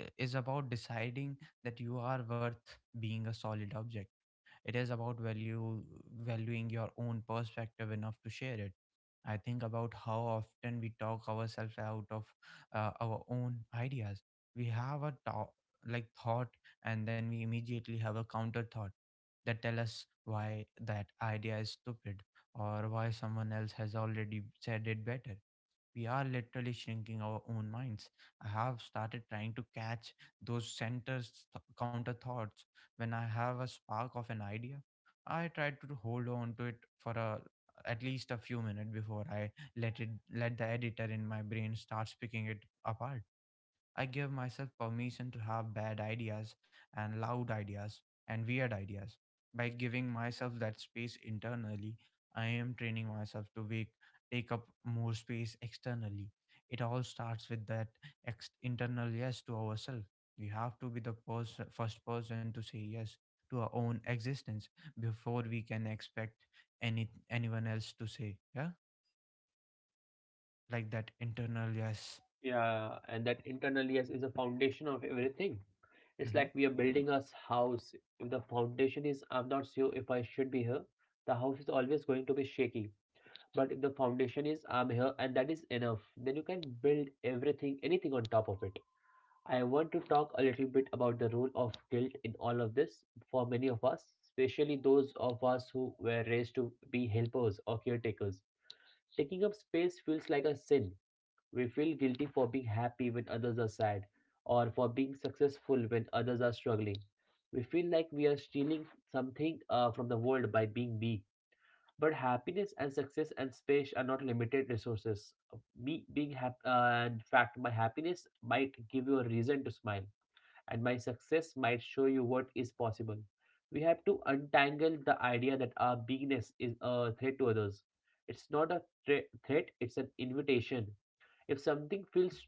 is about deciding that you are worth being a solid object. It is about value valuing your own perspective enough to share it. I think about how often we talk ourselves out of our own ideas. We have a thought, like thought, and then we immediately have a counter thought that tell us why that idea is stupid or why someone else has already said it better. We are literally shrinking our own minds. I have started trying to catch those counter thoughts. When I have a spark of an idea, I try to hold on to it for a at least a few minutes before I let the editor in my brain start picking it apart. I give myself permission to have bad ideas, and loud ideas, and weird ideas. By giving myself that space internally, I am training myself to take up more space externally. It all starts with that internal yes to ourselves. We have to be the first person to say yes to our own existence before we can expect anyone else to say yeah. Like, that internal yes.
Yeah, and that internal yes is a foundation of everything. It's
Mm-hmm.
like we are building a house. If the foundation is, I'm not sure if I should be here, the house is always going to be shaky. But if the foundation is, I'm here and that is enough, then you can build everything, anything on top of it. I want to talk a little bit about the role of guilt in all of this for many of us, especially those of us who were raised to be helpers or caretakers. Taking up space feels like a sin. We feel guilty for being happy when others are sad, or for being successful when others are struggling. We feel like we are stealing something from the world by being me. But happiness and success and space are not limited resources. Me being happy, in fact, my happiness might give you a reason to smile, and my success might show you what is possible. We have to untangle the idea that our beingness is a threat to others. It's not a threat; it's an invitation. If something feels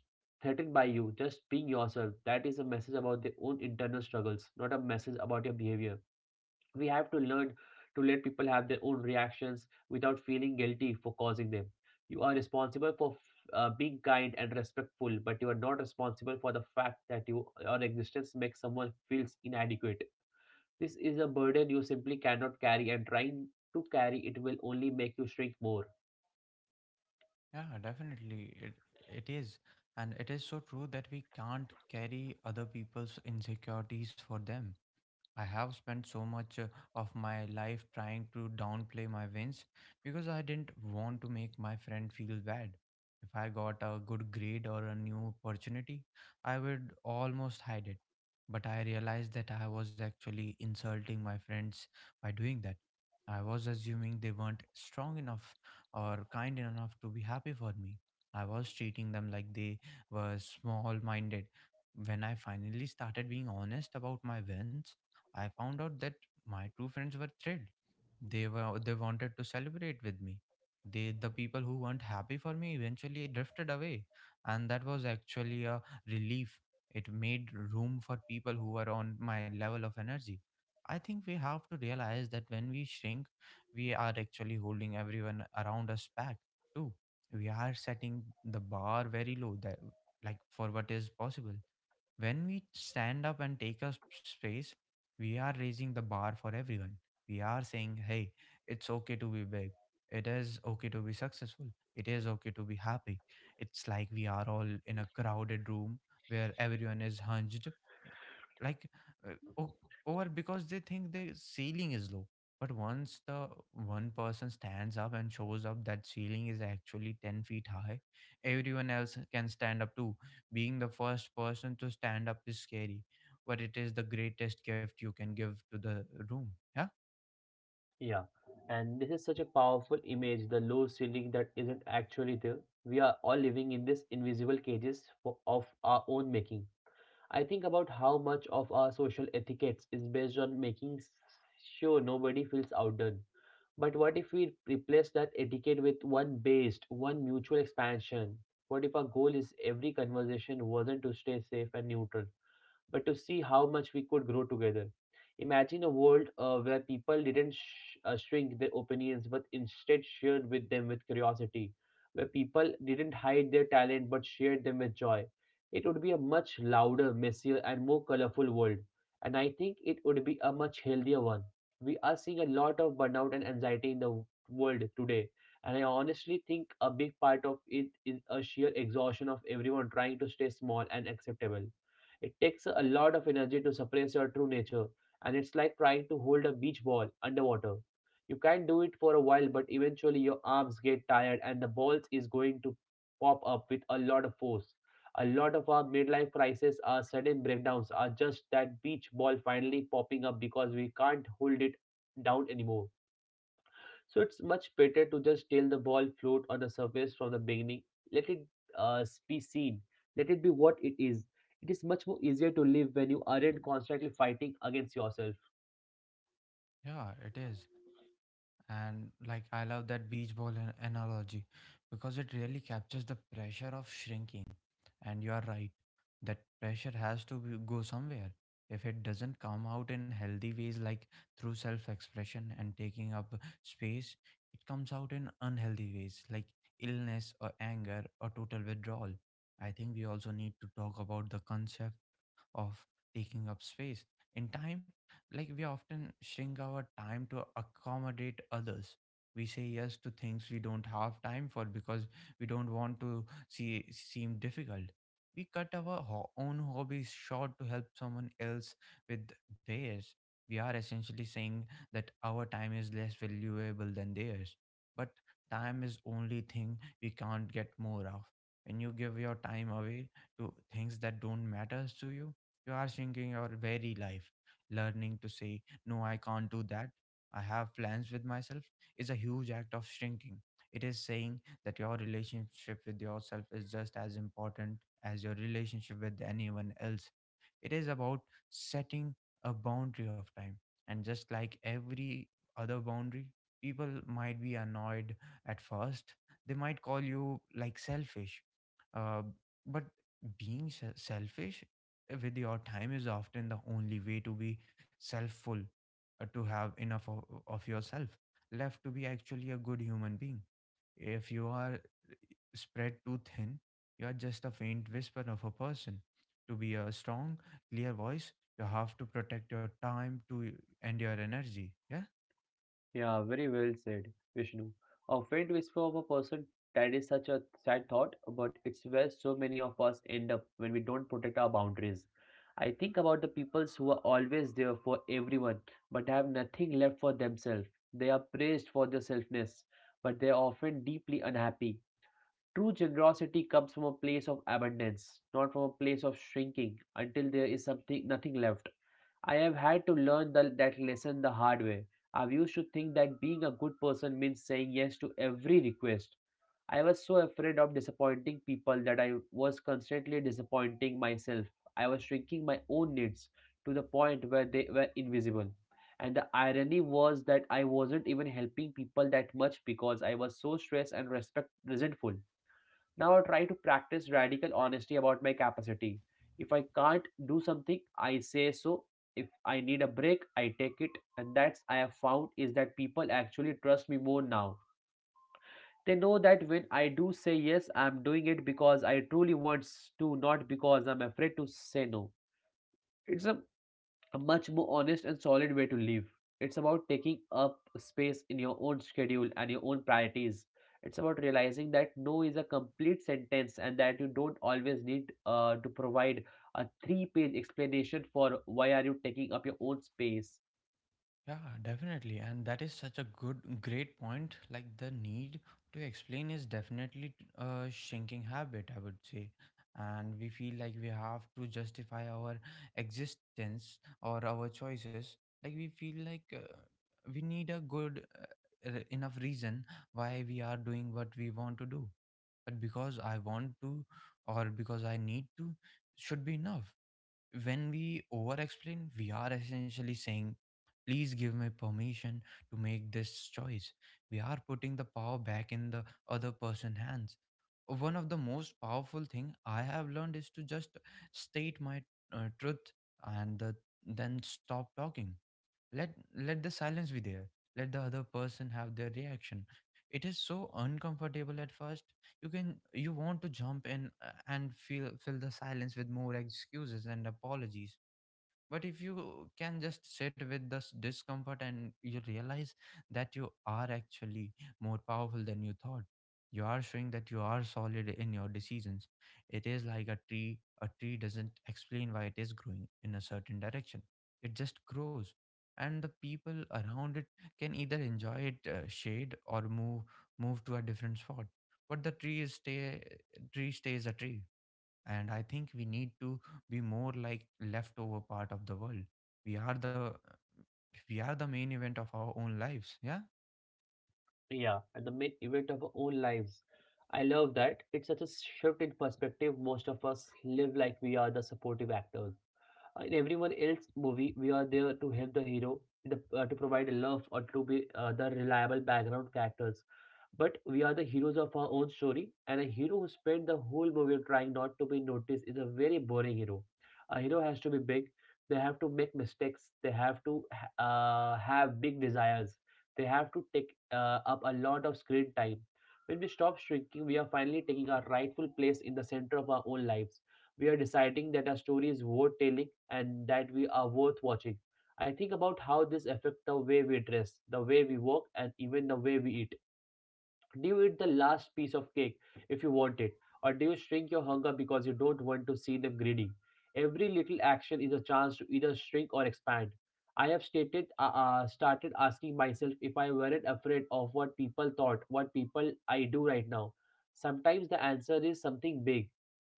threatened by you, just being yourself, that is a message about their own internal struggles, not a message about your behavior. We have to learn to let people have their own reactions without feeling guilty for causing them. You are responsible for being kind and respectful, but you are not responsible for the fact that you, your existence makes someone feels inadequate. This is a burden you simply cannot carry, and trying to carry it will only make you shrink more.
Yeah, definitely. It is. And it is so true that we can't carry other people's insecurities for them. I have spent so much of my life trying to downplay my wins because I didn't want to make my friend feel bad. If I got a good grade or a new opportunity, I would almost hide it. But I realized that I was actually insulting my friends by doing that. I was assuming they weren't strong enough or kind enough to be happy for me. I was treating them like they were small minded. When I finally started being honest about my wins, I found out that my two friends were thrilled. They wanted to celebrate with me. The people who weren't happy for me eventually drifted away, and that was actually a relief. It made room for people who were on my level of energy. I think we have to realize that when we shrink, we are actually holding everyone around us back too. We are setting the bar very low, that like for what is possible. When we stand up and take up space, we are raising the bar for everyone. We are saying, hey, it's okay to be big. It is okay to be successful. It is okay to be happy. It's like we are all in a crowded room where everyone is hunched, like uh, o- over, because they think the ceiling is low. But once the one person stands up and shows up, that ceiling is actually 10 feet high. Everyone else can stand up too. Being the first person to stand up is scary, but it is the greatest gift you can give to the room. Yeah.
Yeah, and this is such a powerful image, the low ceiling that isn't actually there. We are all living in this invisible cages for, of our own making. I think about how much of our social etiquettes is based on making sure nobody feels outdone. But what if we replace that etiquette with one based, one mutual expansion? What if our goal is every conversation wasn't to stay safe and neutral, but to see how much we could grow together? Imagine a world where people didn't shrink their opinions but instead shared with them with curiosity, where people didn't hide their talent but shared them with joy. It would be a much louder, messier, and more colorful world, and I think it would be a much healthier one. We are seeing a lot of burnout and anxiety in the world today, and I honestly think a big part of it is a sheer exhaustion of everyone trying to stay small and acceptable. It takes a lot of energy to suppress your true nature, and it's like trying to hold a beach ball underwater. You can do it for a while, but eventually your arms get tired and the balls is going to pop up with a lot of force. A lot of our midlife crises, our sudden breakdowns, are just that beach ball finally popping up because we can't hold it down anymore. So it's much better to just tell the ball float on the surface from the beginning. Let it be seen. Let it be what it is. It is much more easier to live when you aren't constantly fighting against yourself.
Yeah, it is. And like, I love that beach ball analogy because it really captures the pressure of shrinking. And you are right, that pressure has go somewhere. If it doesn't come out in healthy ways, like through self expression and taking up space, it comes out in unhealthy ways, like illness or anger or total withdrawal. I think we also need to talk about the concept of taking up space in time. Like, we often shrink our time to accommodate others. We say yes to things we don't have time for because we don't want to see seem difficult. We cut our own hobbies short to help someone else with theirs. We are essentially saying that our time is less valuable than theirs, but time is only thing we can't get more of. When you give your time away to things that don't matter to you, you are shrinking your very life. Learning to say, no, I can't do that. I have plans with myself is a huge act of shrinking. It is saying that your relationship with yourself is just as important as your relationship with anyone else. It is about setting a boundary of time. And just like every other boundary, people might be annoyed at first. They might call you like selfish. Uh, but being selfish with your time is often the only way to be selfful, to have enough of yourself left to be actually a good human being. If you are spread too thin, you are just a faint whisper of a person. To be a strong, clear voice, you have to protect your time to and your energy. Yeah.
Yeah, very well said, Vishnu. A faint whisper of a person, that is such a sad thought, but it's where so many of us end up when we don't protect our boundaries. I think about the peoples who are always there for everyone, but have nothing left for themselves. They are praised for their selfness, but they are often deeply unhappy. True generosity comes from a place of abundance, not from a place of shrinking until there is something nothing left. I have had to learn that lesson the hard way. I used to think that being a good person means saying yes to every request. I was so afraid of disappointing people that I was constantly disappointing myself. I was shrinking my own needs to the point where they were invisible. And the irony was that I wasn't even helping people that much because I was so stressed and respect resentful. Now I try to practice radical honesty about my capacity. If I can't do something, I say so. If I need a break, I take it. And that's I have found is that people actually trust me more now. They know that when I do say yes, I'm doing it because I truly want to, not because I'm afraid to say no. It's a much more honest and solid way to live. It's about taking up space in your own schedule and your own priorities. It's about realizing that no is a complete sentence and that you don't always need to provide a three-page explanation for why are you taking up your own space.
Yeah, definitely. And that is such a good, great point. Like, the need to explain is definitely a shrinking habit, I would say. And we feel like we have to justify our existence or our choices. Like, we feel like we need a good enough reason why we are doing what we want to do. But because I want to or because I need to should be enough. When we over explain, we are essentially saying, please give me permission to make this choice. We are putting the power back in the other person's hands. One of the most powerful thing I have learned is to just state my truth and then stop talking. Let the silence be there. Let the other person have their reaction. It is so uncomfortable at first. You can you want to jump in and feel fill the silence with more excuses and apologies. But if you can just sit with this discomfort and you realize that you are actually more powerful than you thought, you are showing that you are solid in your decisions. It is like a tree. A tree doesn't explain why it is growing in a certain direction, it just grows. And the people around it can either enjoy it shade or move to a different spot. But the tree is stay tree stays a tree, and I think we need to be more like leftover part of the world. We are the we are the main event of our own lives. Yeah.
Yeah, and the main event of our own lives. I love that. It's such a shift in perspective. Most of us live like we are the supportive actors in everyone else's movie. We are there to help the hero, the, to provide love, or to be the reliable background characters. But we are the heroes of our own story, and a hero who spent the whole movie trying not to be noticed is a very boring hero. A hero has to be big. They have to make mistakes. They have to have big desires. They have to take up a lot of screen time. When we stop shrinking, we are finally taking our rightful place in the center of our own lives. We are deciding that our story is worth telling and that we are worth watching. I think about how this affects the way we dress, the way we walk, and even the way we eat. Do you eat the last piece of cake if you want it, or do you shrink your hunger because you don't want to see them greedy? Every little action is a chance to either shrink or expand. I have started asking myself, if I weren't afraid of what people thought, what people I do right now. Sometimes the answer is something big,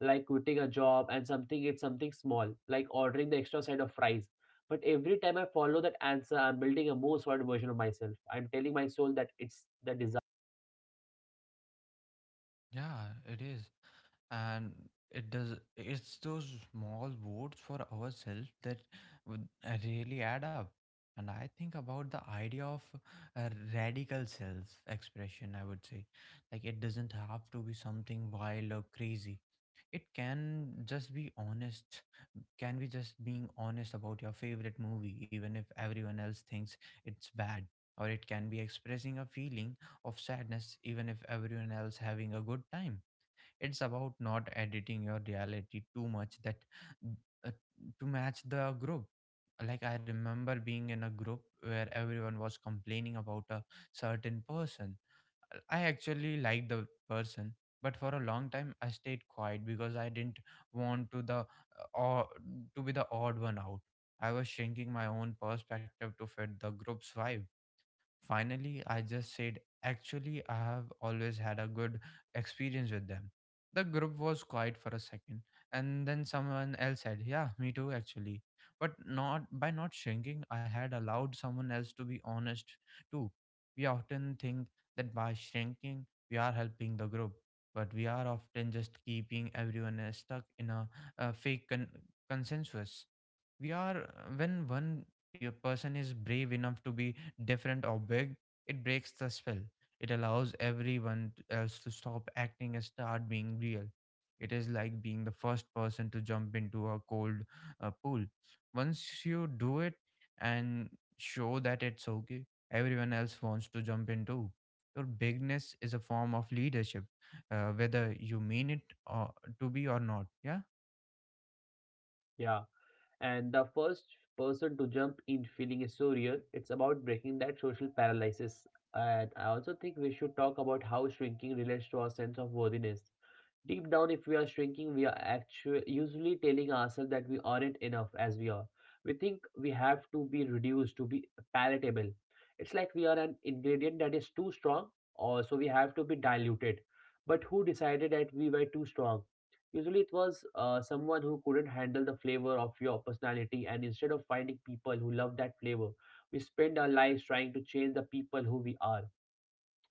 like quitting a job, and something it's something small, like ordering the extra side of fries. But every time I follow that answer, I'm building a more solid version of myself. I'm telling my soul that it's the desire.
Yeah, it is. And it does, it's those small votes for ourselves that would really add up. And I think about the idea of a radical self expression, I would say. Like, it doesn't have to be something wild or crazy. It can just be honest. Can be just being honest about your favorite movie, even if everyone else thinks it's bad? Or it can be expressing a feeling of sadness even if everyone else having a good time. It's about not editing your reality too much that uh, to match the group. Like, I remember being in a group where everyone was complaining about a certain person. I actually liked the person, but for a long time I stayed quiet because I didn't want to the or to be the odd one out. I was shrinking my own perspective to fit the group's vibe. Finally, I just said, actually, I have always had a good experience with them. The group was quiet for a second, and then someone else said, yeah, me too, actually. But not by not shrinking, I had allowed someone else to be honest too. We often think that by shrinking, we are helping the group, but we are often just keeping everyone else stuck in a fake consensus. We are when one your person is brave enough to be different or big, it breaks the spell. It allows everyone else to stop acting and start being real. It is like being the first person to jump into a cold pool. Once you do it and show that it's okay, everyone else wants to jump in too. Your bigness is a form of leadership, whether you mean it or to be or not. Yeah.
Yeah. And the first person to jump in feeling is so real. It's about breaking that social paralysis, and I also think we should talk about how shrinking relates to our sense of worthiness. Deep down, if we are shrinking, we are actually usually telling ourselves that we aren't enough as we are. We think we have to be reduced to be palatable. It's like we are an ingredient that is too strong, or so we have to be diluted. But who decided that we were too strong? Usually, it was someone who couldn't handle the flavor of your personality, and instead of finding people who love that flavor, we spend our lives trying to change the people who we are.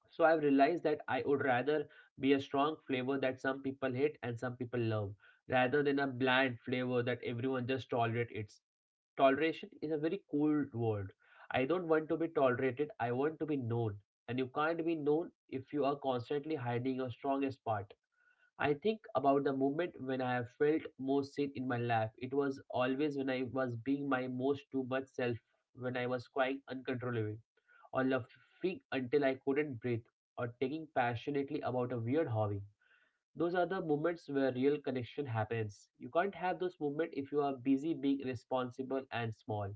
So I've realized that I would rather be a strong flavor that some people hate and some people love, rather than a bland flavor that everyone just tolerate. It's toleration is a very cold word. I don't want to be tolerated. I want to be known, and you can't be known if you are constantly hiding your strongest part. I think about the moment when I have felt most seen in my life. It was always when I was being my most too much self, when I was crying uncontrollably, or laughing until I couldn't breathe, or taking passionately about a weird hobby. Those are the moments where real connection happens. You can't have those moments if you are busy being responsible and small.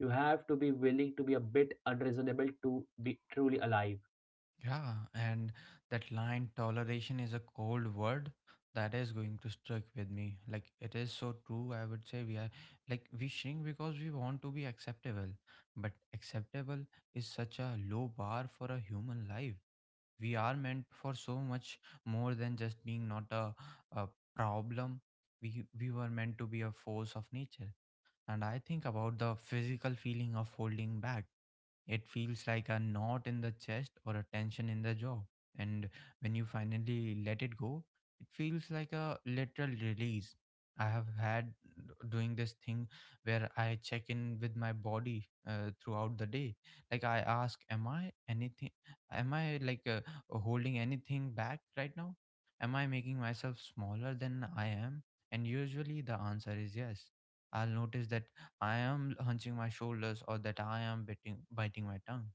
You have to be willing to be a bit unreasonable to be truly alive.
Yeah, and that line toleration is a cold word that is going to strike with me. Like, it is so true. I would say we are like we shrink because we want to be acceptable, but acceptable is such a low bar for a human life. We are meant for so much more than just being not a, a problem. We were meant to be a force of nature, and I think about the physical feeling of holding back. It feels like a knot in the chest or a tension in the jaw. And when you finally let it go, it feels like a literal release. I have had doing this thing where I check in with my body throughout the day. Like, I ask, am I anything? Am I like holding anything back right now? Am I making myself smaller than I am? And usually the answer is yes. I'll notice that I am hunching my shoulders or that I am biting my tongue.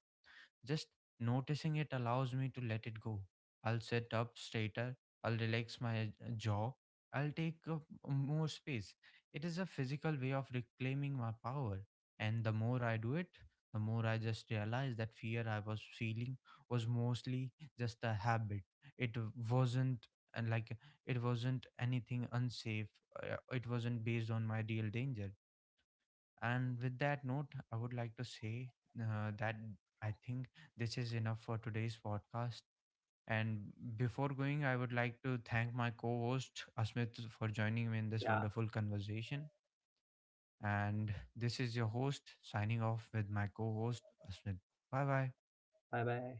Just noticing it allows me to let it go. I'll sit up straighter, I'll relax my jaw, I'll take up more space. It is a physical way of reclaiming my power. And the more I do it, the more I just realize that fear I was feeling was mostly just a habit. It wasn't and like it wasn't anything unsafe, it wasn't based on my real danger. And with that note, I would like to say that I think this is enough for today's podcast. And before going, I would like to thank my co host, Asmit, for joining me in this
Yeah,
wonderful conversation. And this is your host signing off with my co host, Asmit. Bye bye.
bye bye.